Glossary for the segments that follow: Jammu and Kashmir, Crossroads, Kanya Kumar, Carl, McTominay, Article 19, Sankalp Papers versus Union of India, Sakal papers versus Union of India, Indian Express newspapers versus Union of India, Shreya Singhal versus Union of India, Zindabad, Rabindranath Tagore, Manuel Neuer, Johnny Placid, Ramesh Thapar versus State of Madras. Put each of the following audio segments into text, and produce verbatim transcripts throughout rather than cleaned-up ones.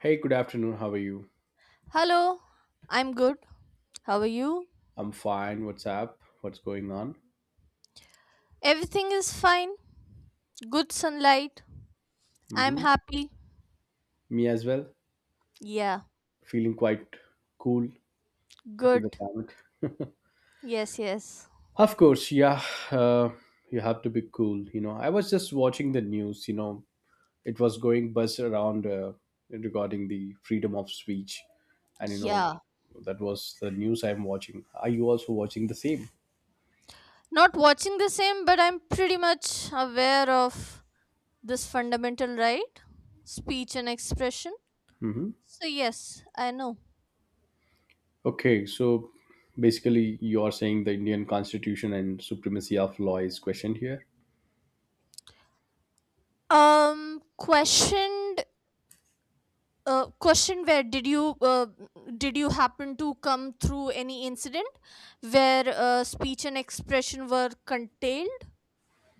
Hey, good afternoon. How are you? Hello, I'm good. How are you? I'm fine. What's up? What's going on? Everything is fine. Good sunlight. I'm hmm happy. Me as well. Yeah, Feeling quite cool due to the good. climate. Yes, yes. Of course, yeah. Uh, you have to be cool. You know, I was just watching the news. You know, it was going buzz around uh, regarding the freedom of speech, and you know, Yeah. that was the news I'm watching. Are you also watching the same? Not watching the same, but I'm pretty much aware of this fundamental right speech and expression. hmm So, yes, I know. Okay, so basically, you are saying the Indian Constitution and supremacy of law is questioned here. Um, questioned uh, Question, where did you uh, did you happen to come through any incident where uh, speech and expression were curtailed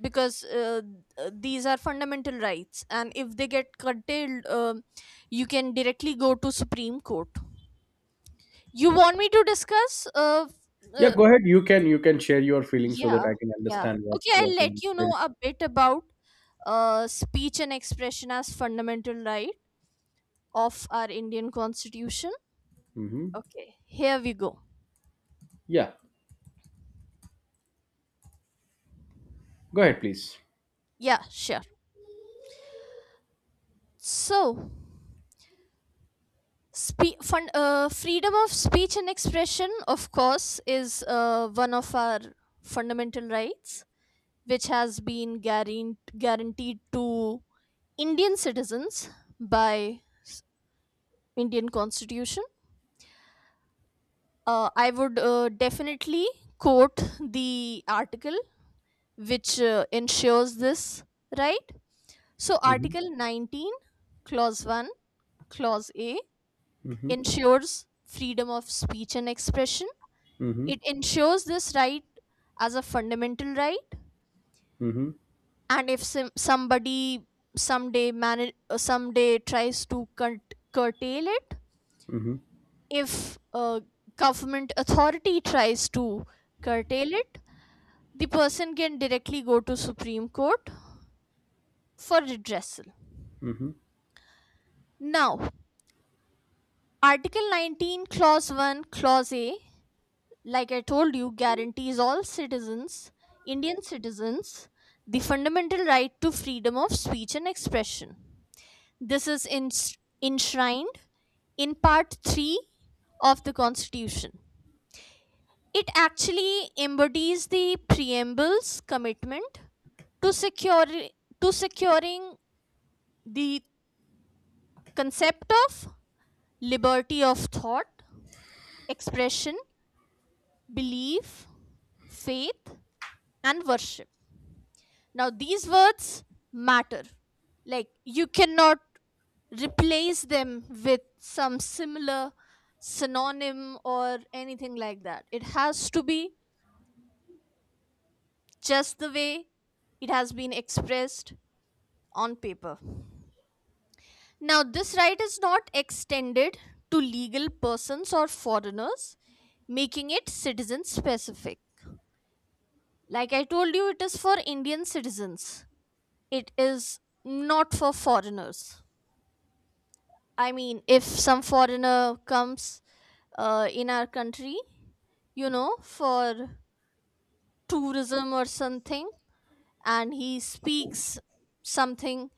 because uh, th- these are fundamental rights, and if they get curtailed, um you can directly go to Supreme Court. You want me to discuss uh, f- Yeah, uh, go ahead. You can you can share your feelings so that yeah I can yeah understand what okay, what I'll you let want to you say. know a bit about uh, speech and expression as fundamental right of our Indian Constitution. Mm-hmm. Okay, here we go. Yeah, go ahead, please. Yeah, sure. So, spe- fun- uh, freedom of speech and expression, of course, is uh, one of our fundamental rights, which has been guaran- guaranteed to Indian citizens by s- Indian Constitution. Uh, I would uh, definitely quote the article which uh, ensures this right. So, Mm-hmm. Article nineteen, Clause one, Clause A Mm-hmm. ensures freedom of speech and expression. Mm-hmm. It ensures this right as a fundamental right. Mm-hmm. And if some, somebody someday man- someday tries to cur- curtail it, Mm-hmm. if a government authority tries to curtail it, the person can directly go to Supreme Court for redressal. Mm-hmm. Now, Article nineteen, Clause one, Clause A, like I told you, guarantees all citizens, Indian citizens, the fundamental right to freedom of speech and expression. This is ens- enshrined in Part three of the Constitution. It actually embodies the preamble's commitment to, secure, to securing the concept of liberty of thought, expression, belief, faith, and worship. Now, these words matter. Like, you cannot replace them with some similar synonym or anything like that. It has to be just the way it has been expressed on paper. Now, this right is not extended to legal persons or foreigners, making it citizen specific. Like I told you, it is for Indian citizens, it is not for foreigners. I mean, if some foreigner comes uh, in our country, you know, for tourism or something, and he speaks something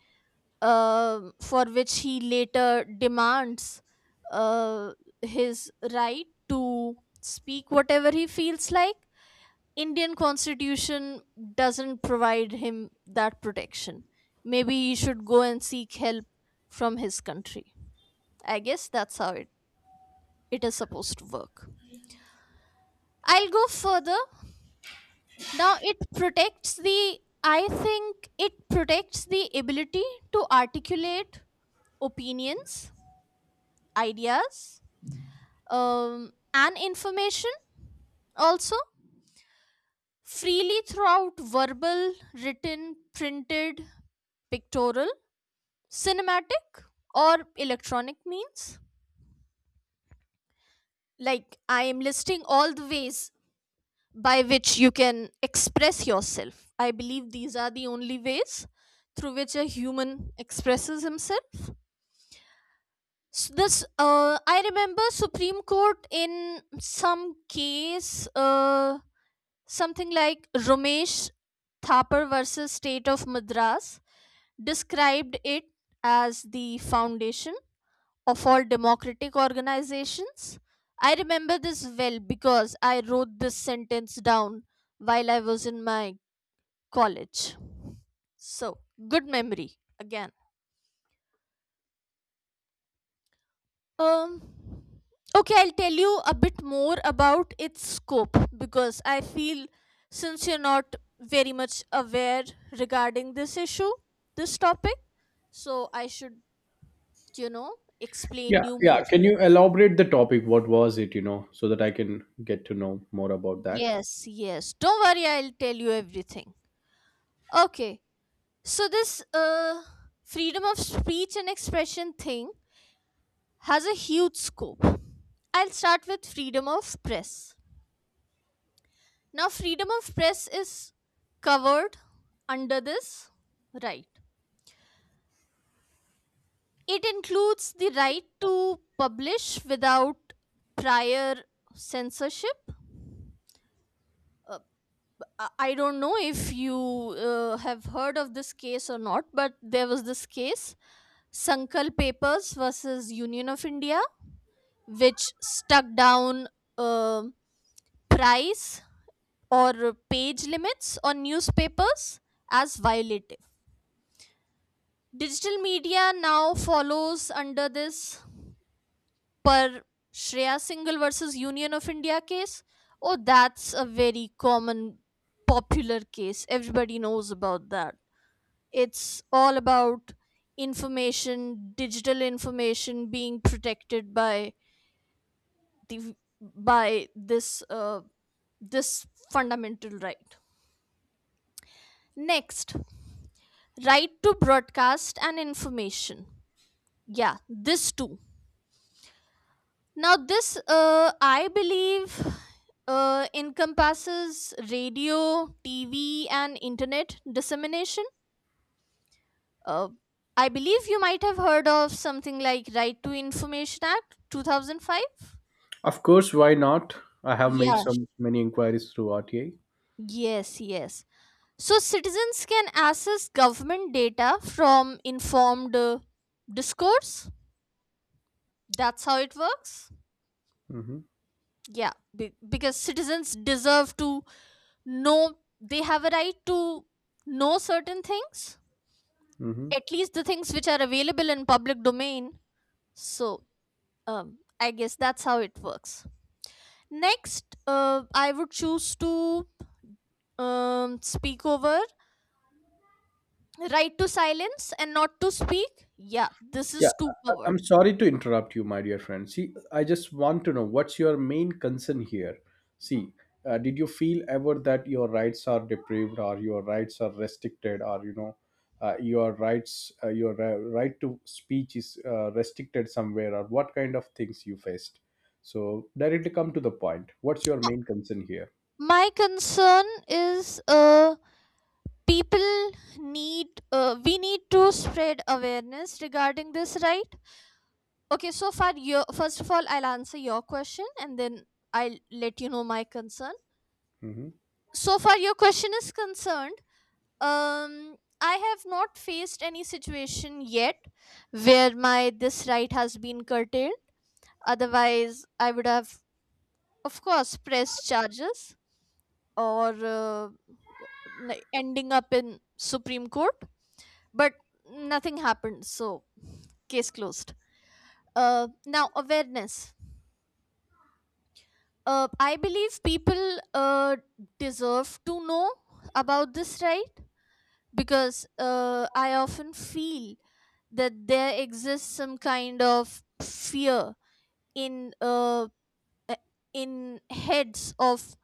uh, for which he later demands uh, his right to speak whatever he feels like, Indian constitution doesn't provide him that protection. Maybe he should go and seek help from his country. I guess that's how it it is supposed to work. I'll go further. Now it protects the I think it protects the ability to articulate opinions, ideas, um, and information also freely throughout verbal, written, printed, pictorial, cinematic, or electronic means. Like I am listing all the ways by which you can express yourself. I believe these are the only ways through which a human expresses himself. So this, uh, I remember Supreme Court in some case, uh, something like Ramesh Thapar versus State of Madras, described it as the foundation of all democratic organizations. I remember this well because I wrote this sentence down while I was in my college. So, good memory again. Um okay, I'll tell you a bit more about its scope because I feel since you're not very much aware regarding this issue, this topic, so I should, you know, Yeah, explain you yeah, more. can you elaborate the topic? What was it? You know, so that I can get to know more about that. Yes, yes. Don't worry, I'll tell you everything. Okay. So this uh freedom of speech and expression thing has a huge scope. I'll start with freedom of press. Now, freedom of press is covered under this right. It includes the right to publish without prior censorship. I I don't know if you uh, have heard of this case or not, but there was this case, Sankalp Papers versus Union of India, which stuck down um price or page limits on newspapers as violative. Digital media now follows under this per Shreya Singhal versus Union of India case. Oh, that's a very common popular case. Everybody knows about that. It's all about information, digital information being protected by the by this uh, this fundamental right. Next, right to broadcast and information, yeah, this too. Now this, uh, I believe, uh, encompasses radio, TV, and internet dissemination. uh, I believe you might have heard of something like Right to Information Act two thousand five. Of course, why not? I have made Yeah. some many inquiries through R T A. Yes, yes. So citizens can access government data from informed uh, discourse. That's how it works. Mm-hmm. Yeah, be- because citizens deserve to know, they have a right to know certain things, Mm-hmm. at least the things which are available in public domain. So, um, I guess that's how it works. Next, uh, I would choose to um, speak over right to silence and not to speak. Yeah, this Yeah, is too I- I'm covered. sorry to interrupt you, my dear friend. See, I just want to know what's your main concern here. See, uh, did you feel ever that your rights are deprived, or your rights are restricted, or you know, uh, your rights, uh, your ri- right to speech is uh, restricted somewhere, or what kind of things you faced? So directly come to the point. What's your main concern here? My concern is uh, people need, uh, we need to spread awareness regarding this right. Okay, so far, your first of all, I'll answer your question and then I'll let you know my concern. hmm So far, your question is concerned. Um, I have not faced any situation yet where my this right has been curtailed. Otherwise, I would have, of course, pressed charges or uh, n- ending up in Supreme Court. But nothing happened, so case closed. Uh, now awareness. Uh, I believe people uh, deserve to know about this right because uh, I often feel that there exists some kind of fear in uh, uh, in heads of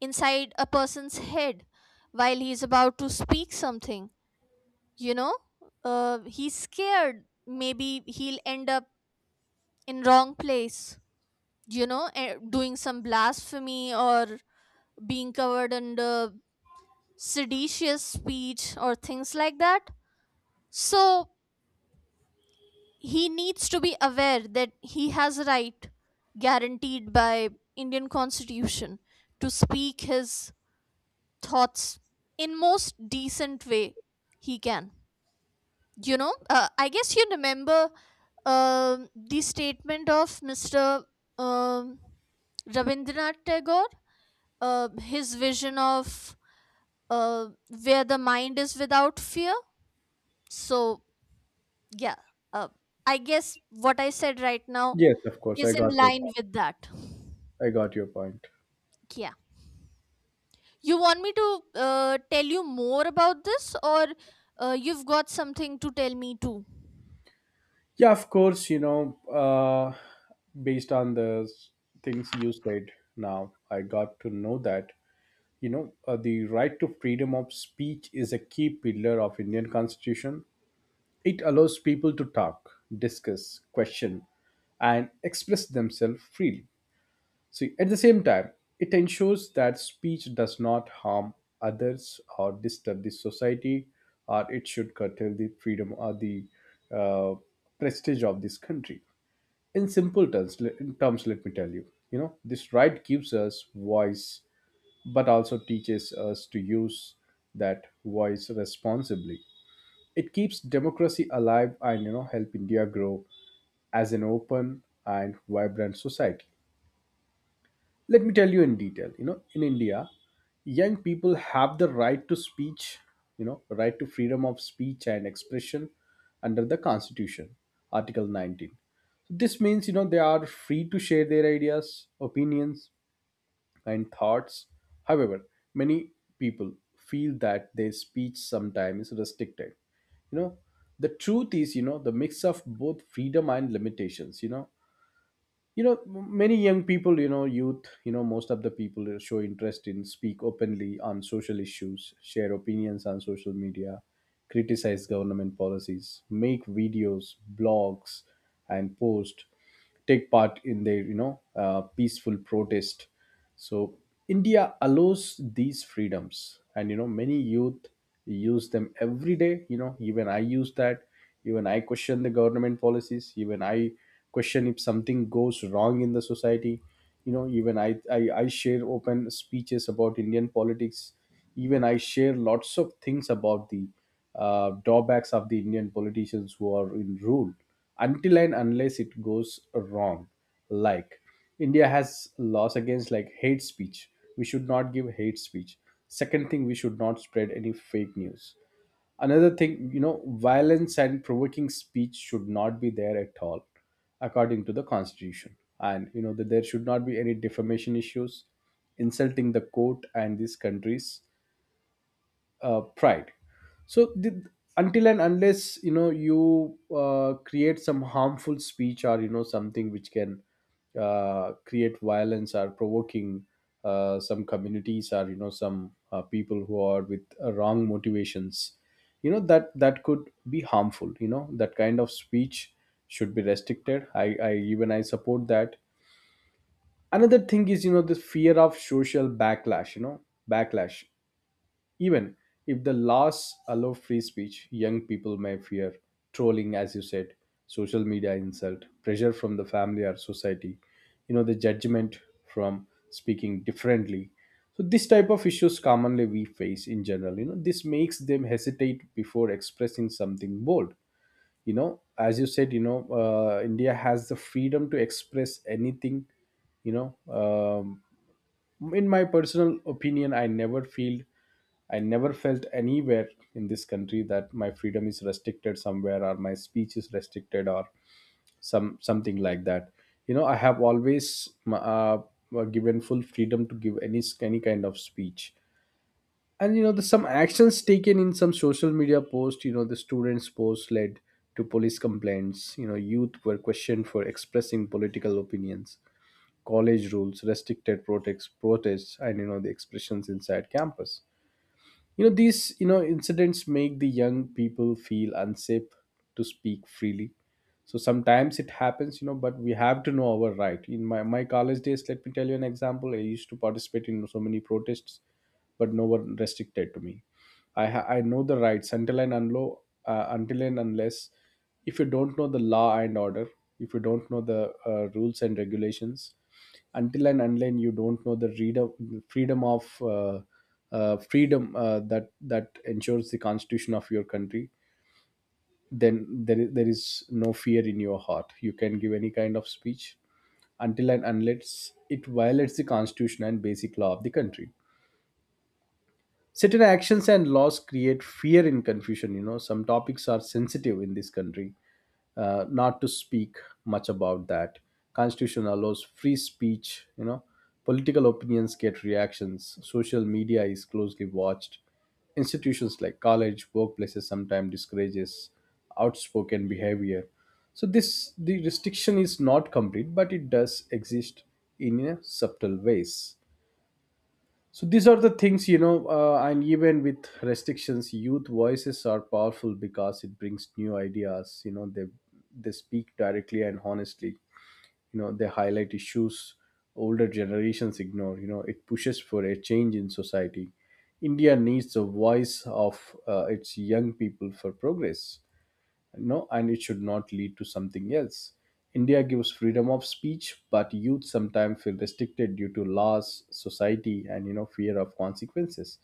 inside a person's head while he's about to speak something, you know. Uh, he's scared maybe he'll end up in wrong place, you know, eh, doing some blasphemy or being covered under seditious speech or things like that. So he needs to be aware that he has a right guaranteed by Indian Constitution to speak his thoughts in most decent way he can. You know, uh, I guess you remember um the statement of Mr. um, Rabindranath Tagore, uh, his vision of, uh, where the mind is without fear. So, yeah, uh, I guess what I said right now Yes, of course, is I in got your line point. with that. I got your point. Yeah, you want me to uh, tell you more about this, or uh, you've got something to tell me too? Yeah, of course, you know, uh, based on the s- things you said now, I got to know that, you know, uh, the right to freedom of speech is a key pillar of Indian Constitution. It allows people to talk, discuss, question, and express themselves freely. So at the same time, it ensures that speech does not harm others or disturb the society, or it should curtail the freedom or the uh, prestige of this country. In simple terms, in terms, let me tell you, you know, this right gives us voice, but also teaches us to use that voice responsibly. It keeps democracy alive, and you know, help India grow as an open and vibrant society. Let me tell you in detail. You know, in India, young people have the right to speech, you know, right to freedom of speech and expression under the Constitution, Article nineteen. So this means, you know, they are free to share their ideas, opinions, and thoughts. However, many people feel that their speech sometimes is restricted. You know, the truth is, you know, the mix of both freedom and limitations. You know, you know, m- many young people, you know, youth, you know, most of the people, uh, show interest in speak openly on social issues, share opinions on social media, criticize government policies, make videos, blogs, and post, take part in their, you know, uh, peaceful protest. So India allows these freedoms, and you know, many youth use them every day. You know, even I use that, even I question the government policies, even I question if something goes wrong in the society. You know, even i i, I share open speeches about Indian politics, even I share lots of things about the uh, drawbacks of the Indian politicians who are in rule, until and unless it goes wrong. Like, India has laws against, like, hate speech. We should not give hate speech. Second thing, we should not spread any fake news. Another thing, you know, violence and provoking speech should not be there at all, according to the constitution. And you know that there should not be any defamation issues, insulting the court and these countries' uh, pride. So the, until and unless, you know, you uh, create some harmful speech, or you know, something which can uh, create violence or provoking uh, some communities, or you know, some uh, people who are with uh, wrong motivations, you know, that that could be harmful. You know, that kind of speech should be restricted. I i even I support that. Another thing is, you know, the fear of social backlash, you know, backlash. Even if the laws allow free speech, young people may fear trolling, as you said, social media insult, pressure from the family or society, you know, the judgment from speaking differently. So this type of issues commonly we face in general. You know, this makes them hesitate before expressing something bold. You know, as you said, you know, uh, India has the freedom to express anything, you know. Um, in my personal opinion, I never feel, I never felt anywhere in this country that my freedom is restricted somewhere, or my speech is restricted, or some something like that. You know, I have always uh, given full freedom to give any any kind of speech. And you know, the some actions taken in some social media post, you know, the students post led to police complaints, you know, youth were questioned for expressing political opinions, college rules restricted protests protests and you know the expressions inside campus. You know, these, you know, incidents make the young people feel unsafe to speak freely. So sometimes it happens, you know, but we have to know our right. In my, my college days, let me tell you an example. I used to participate in so many protests, but no one restricted to me. i ha- I know the rights until and unlo, uh, until and unless, if you don't know the law and order, if you don't know the uh, rules and regulations, until and unless you don't know the reader freedom of uh, uh, freedom uh, that that ensures the constitution of your country, then there is, there is no fear in your heart. You can give any kind of speech until and unless it violates the constitution and basic law of the country. Certain actions and laws create fear and confusion. You know, some topics are sensitive in this country, uh, not to speak much about that. Constitution allows free speech, you know, political opinions get reactions, social media is closely watched, institutions like college workplaces sometimes discourages outspoken behavior. So this, the restriction is not complete, but it does exist in a subtle ways. So these are the things, you know, uh, and even with restrictions, youth voices are powerful because it brings new ideas. You know, they they speak directly and honestly. You know, they highlight issues older generations ignore. You know, it pushes for a change in society. India needs the voice of uh, its young people for progress, no, and it should not lead to something else. India gives freedom of speech, but youth sometimes feel restricted due to laws, society, and you know, fear of consequences.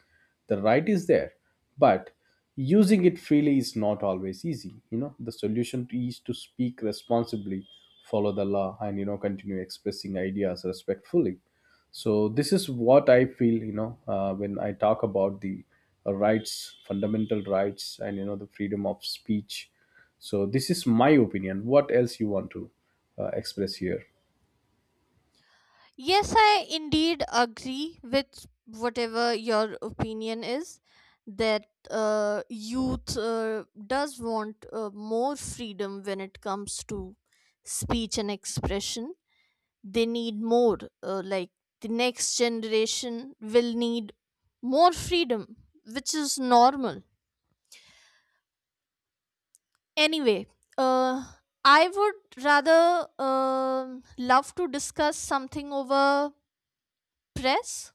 The right is there, but using it freely is not always easy. You know, the solution to- is to speak responsibly, follow the law, and you know, continue expressing ideas respectfully. So this is what I feel, you know, uh, when I talk about the uh, rights, fundamental rights, and you know, the freedom of speech. So this is my opinion. What else you want to uh, express here? Yes, I indeed agree with whatever your opinion is, that uh, youth uh, does want uh, more freedom when it comes to speech and expression. They need more, uh, like, the next generation will need more freedom, which is normal. Anyway, uh, I would rather um love to discuss something over press,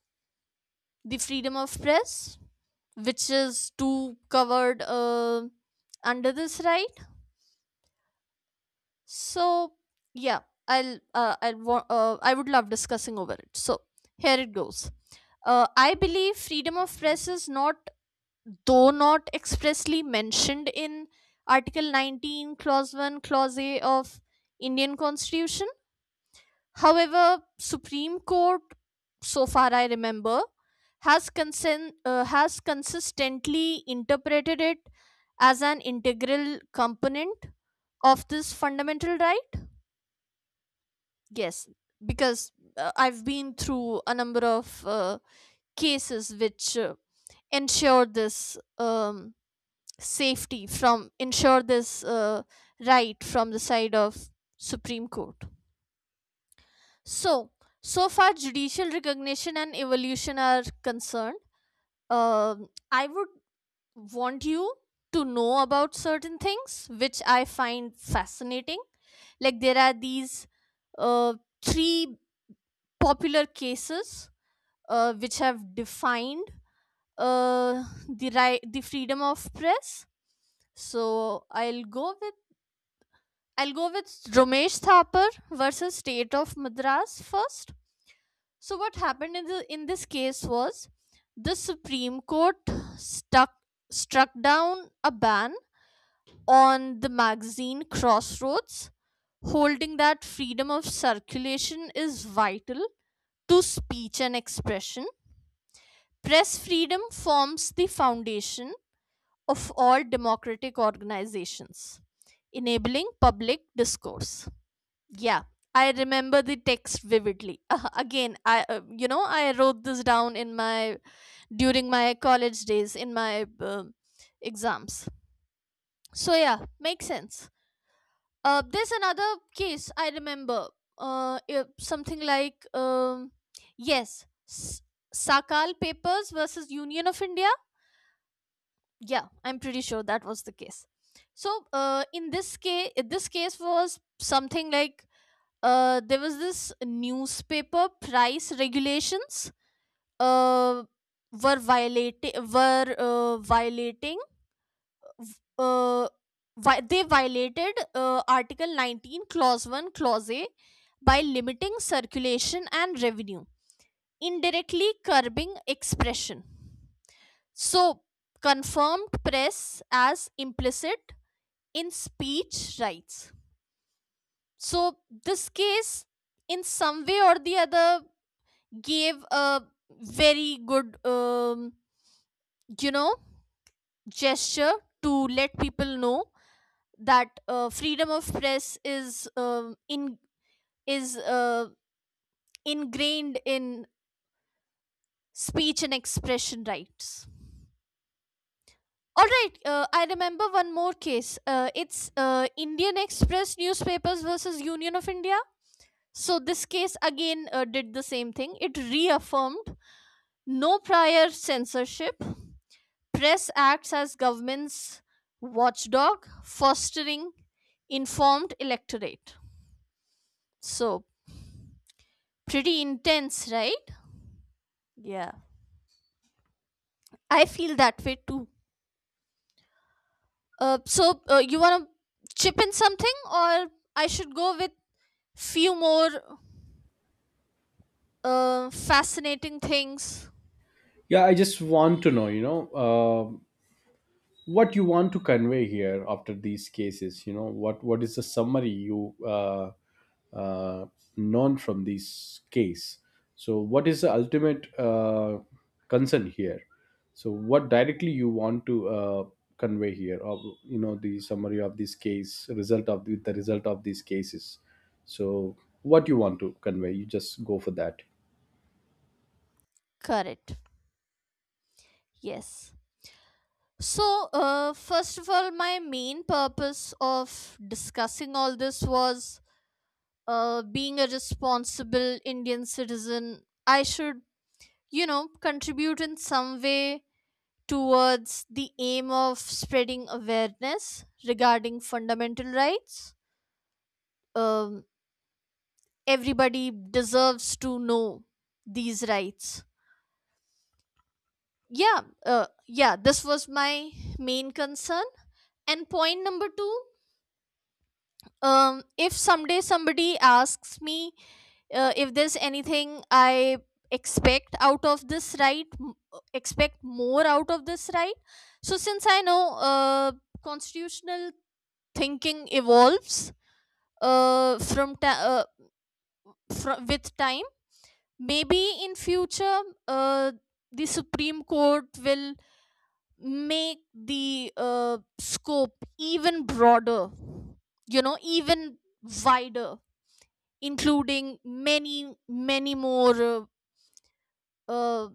the freedom of press, which is too covered uh, under this right. So, yeah, i'll uh, i'll wa- uh, i would love discussing over it. So, here it goes. uh, I believe freedom of press is not, though not expressly mentioned in Article nineteen, Clause one, Clause A of Indian Constitution, however, Supreme Court, so far I remember, has consent uh, has consistently interpreted it as an integral component of this fundamental right. Yes, because uh, I've been through a number of uh, cases which uh, ensure this um, safety from ensure this uh, right from the side of Supreme Court. So, so far judicial recognition and evolution are concerned. Um I would want you to know about certain things which I find fascinating. Like, there are these uh, three popular cases uh, which have defined uh, the right the freedom of press. So, i'll go with I'll go with Romesh Thapar versus State of Madras first. So what happened in the in this case was the Supreme Court stuck struck down a ban on the magazine Crossroads, holding that freedom of circulation is vital to speech and expression. Press freedom forms the foundation of all democratic organizations, enabling public discourse. Yeah, I remember the text vividly. Uh, again, I uh, you know, I wrote this down in my during my college days in my um exams. So, yeah, makes sense. Uh, there's another case I remember. Uh, it- something like, um, yes, S- Sakal Papers versus Union of India. Yeah, I'm pretty sure that was the case. So, uh, in this case, this case was something like, uh, there was this newspaper price regulations, uh, were violating were uh, violating uh, vi- they violated uh, Article nineteen, Clause one, Clause A by limiting circulation and revenue, indirectly curbing expression. So, confirmed press as implicit in speech rights. So, this case, in some way or the other, gave a very good, um, you know, gesture to let people know that uh, freedom of press is um in is uh, ingrained in speech and expression rights. All right, uh, I remember one more case. Uh, it's, uh, Indian Express Newspapers versus Union of India. So this case again uh, did the same thing. It reaffirmed no prior censorship. Press acts as government's watchdog, fostering informed electorate. So, pretty intense, right? Yeah, I feel that way too. Uh, so uh, you wanna chip in something, or I should go with few more uh, fascinating things. Yeah, I just want to know, you know, uh, what you want to convey here after these cases. You know, what what is the summary you uh, uh, known from this case. So what is the ultimate uh, concern here? So what directly you want to uh, convey here, of you know, the summary of this case, result of the, the result of these cases. So what you want to convey, you just go for that. Correct. Yes. So, uh, first of all, my main purpose of discussing all this was, uh, being a responsible Indian citizen, I should, you know, contribute in some way towards the aim of spreading awareness regarding fundamental rights. Um, Everybody deserves to know these rights. Yeah uh, yeah, this was my main concern. And point number two, um if someday somebody asks me uh, if there's anything I expect out of this right m- uh, expect more out of this right. So, since I know uh, constitutional thinking evolves uh, from ta- uh, fr- with time, maybe in future, uh, the Supreme Court will make the uh, scope even broader, you know, even wider, including many, many more uh, uh,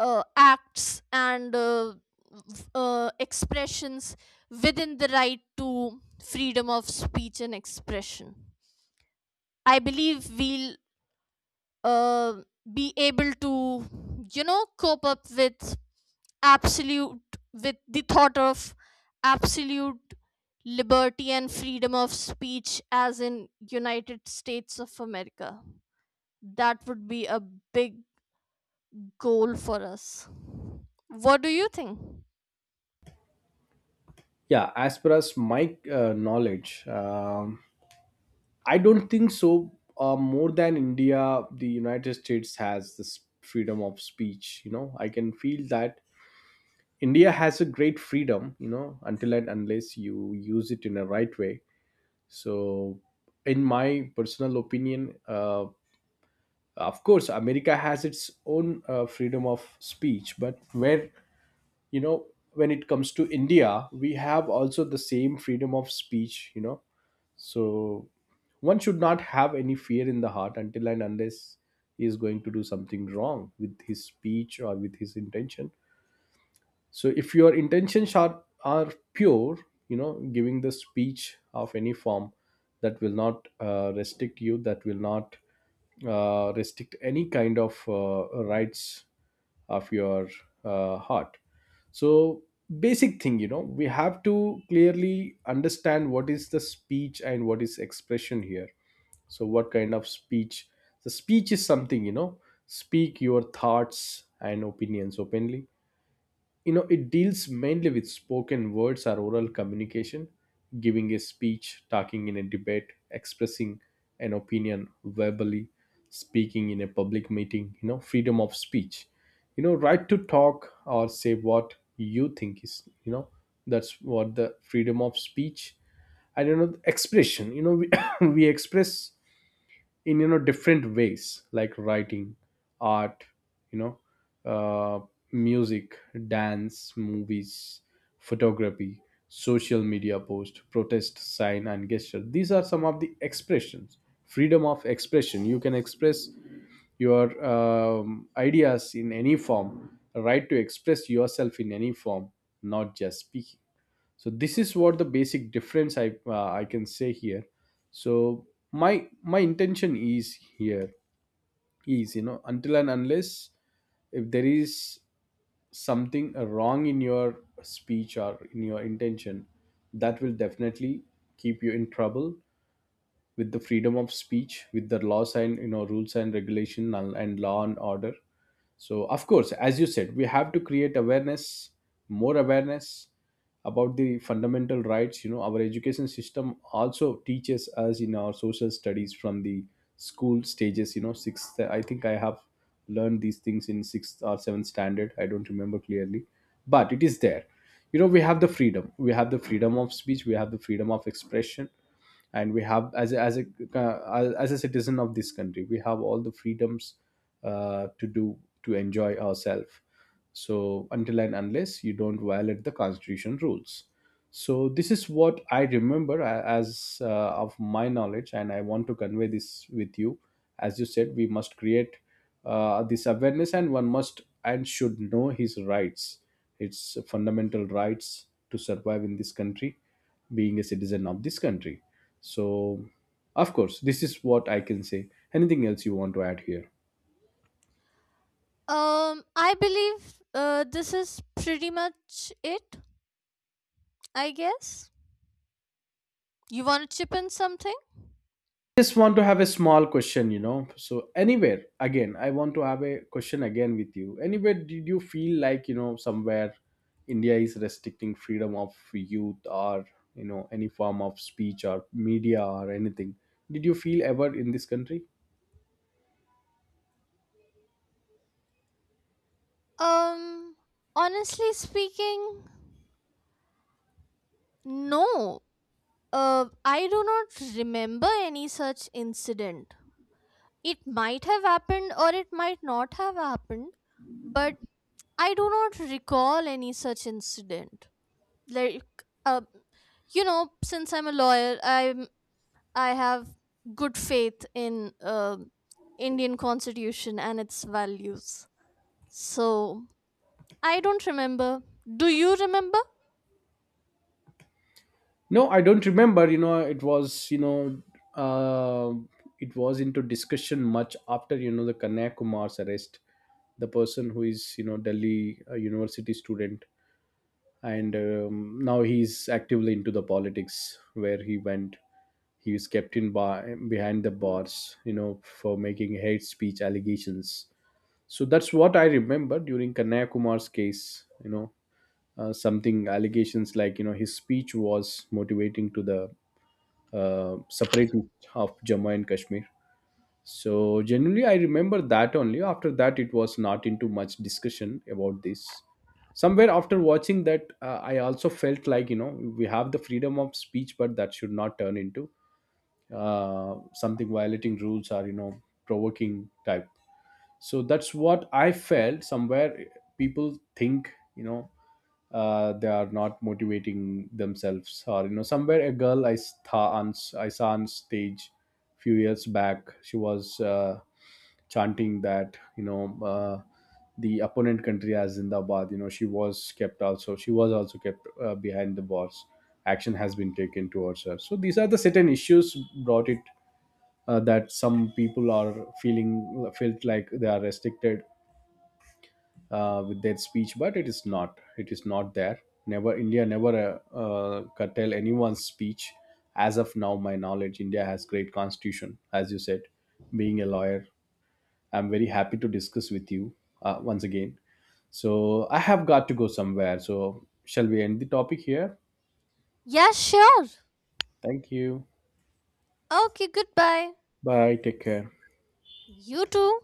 uh, acts and uh, v- uh, expressions within the right to freedom of speech and expression. I believe we'll, uh, be able to, you know, cope up with absolute with the thought of absolute liberty and freedom of speech as in United States of America. That would be a big goal for us. What do you think? Yeah, as per as my uh, knowledge, um, I don't think so. Uh, more than India, the United States has this freedom of speech. You know, I can feel that India has a great freedom. You know, until and unless you use it in a right way. So, in my personal opinion, uh, of course, America has its own uh, freedom of speech, but where you know when it comes to India we have also the same freedom of speech you know So one should not have any fear in the heart until and unless he is going to do something wrong with his speech or with his intention. So if your intentions are are pure, you know giving the speech of any form, that will not uh, restrict you, that will not uh, restrict any kind of uh, rights of your uh, heart. So basic thing, you know we have to clearly understand what is the speech and what is expression here. So what kind of speech? The speech is something, you know speak your thoughts and opinions openly. You know it deals mainly with spoken words or oral communication: giving a speech, talking in a debate, expressing an opinion verbally, speaking in a public meeting. You know freedom of speech, you know right to talk or say what you think is, you know that's what the freedom of speech. I don't know. Expression, you know we, we express in, you know different ways like writing, art, you know uh, music, dance, movies, photography, social media post, protest, sign, and gesture. These are some of the expressions. Freedom of expression, you can express your um, ideas in any form. Right to express yourself in any form, not just speaking. So this is what the basic difference i uh, i can say here. So my my intention is here, is, you know until and unless if there is something wrong in your speech or in your intention, that will definitely keep you in trouble with the freedom of speech, with the laws and, you know rules and regulation, and, and law and order. So of course, as you said, we have to create awareness, more awareness, about the fundamental rights. You know our education system also teaches us in our social studies from the school stages, you know sixth, I think I have learned these things in sixth or seventh standard, I don't remember clearly, but it is there. You know we have the freedom, we have the freedom of speech, we have the freedom of expression, and we have, as a, as a uh, as a citizen of this country, we have all the freedoms uh, to do, to enjoy ourselves. So until and unless you don't violate the constitution rules. So this is what I remember a- as uh, of my knowledge, and I want to convey this with you. As you said, we must create uh, this awareness, and one must and should know his rights, its fundamental rights, to survive in this country, being a citizen of this country. So, of course, this is what I can say. Anything else you want to add here? um I believe, uh, this is pretty much it. I guess you want to chip in something. Just want to have a small question, you know. So, anywhere again, I want to have a question again with you. Anywhere did you feel like, you know, somewhere India is restricting freedom of youth, or you know, any form of speech or media or anything? Did you feel ever in this country? um Honestly speaking, no, uh, I do not remember any such incident. It might have happened or it might not have happened, but I do not recall any such incident. Like, uh, you know, since I'm a lawyer, I'm I have good faith in uh, Indian Constitution and its values. So, I don't remember. Do you remember? No, I don't remember. You know, it was you know, uh, it was into discussion much after you know the Kanya Kumar's arrest, the person who is, you know Delhi uh, university student, and um, now he's actively into the politics where he went. He is kept in bar behind the bars, you know, for making hate speech allegations. So that's what I remember during Kanaya Kumar's case. You know, uh, something allegations like you know his speech was motivating to the uh, separate of Jammu and Kashmir. So generally, I remember that only. After that, it was not into much discussion about this. Somewhere after watching that, uh, I also felt like, you know we have the freedom of speech, but that should not turn into uh, something violating rules or, you know provoking type. So that's what I felt. Somewhere people think, you know uh, they are not motivating themselves. Or you know somewhere, a girl i saw on, I saw on stage few years back. She was uh, chanting that, you know uh, the opponent country as Zindabad. You know, she was kept also. She was also kept uh, behind the bars. Action has been taken towards her. So these are the certain issues brought it, uh, that some people are feeling felt like they are restricted uh, with their speech, but it is not. It is not there. Never India never uh, uh, curtail anyone's speech. As of now, my knowledge, India has great constitution. As you said, being a lawyer, I'm very happy to discuss with you uh, once again. So I have got to go somewhere. So shall we end the topic here? Yeah, sure. Thank you. Okay, goodbye. Bye. Take care. You too.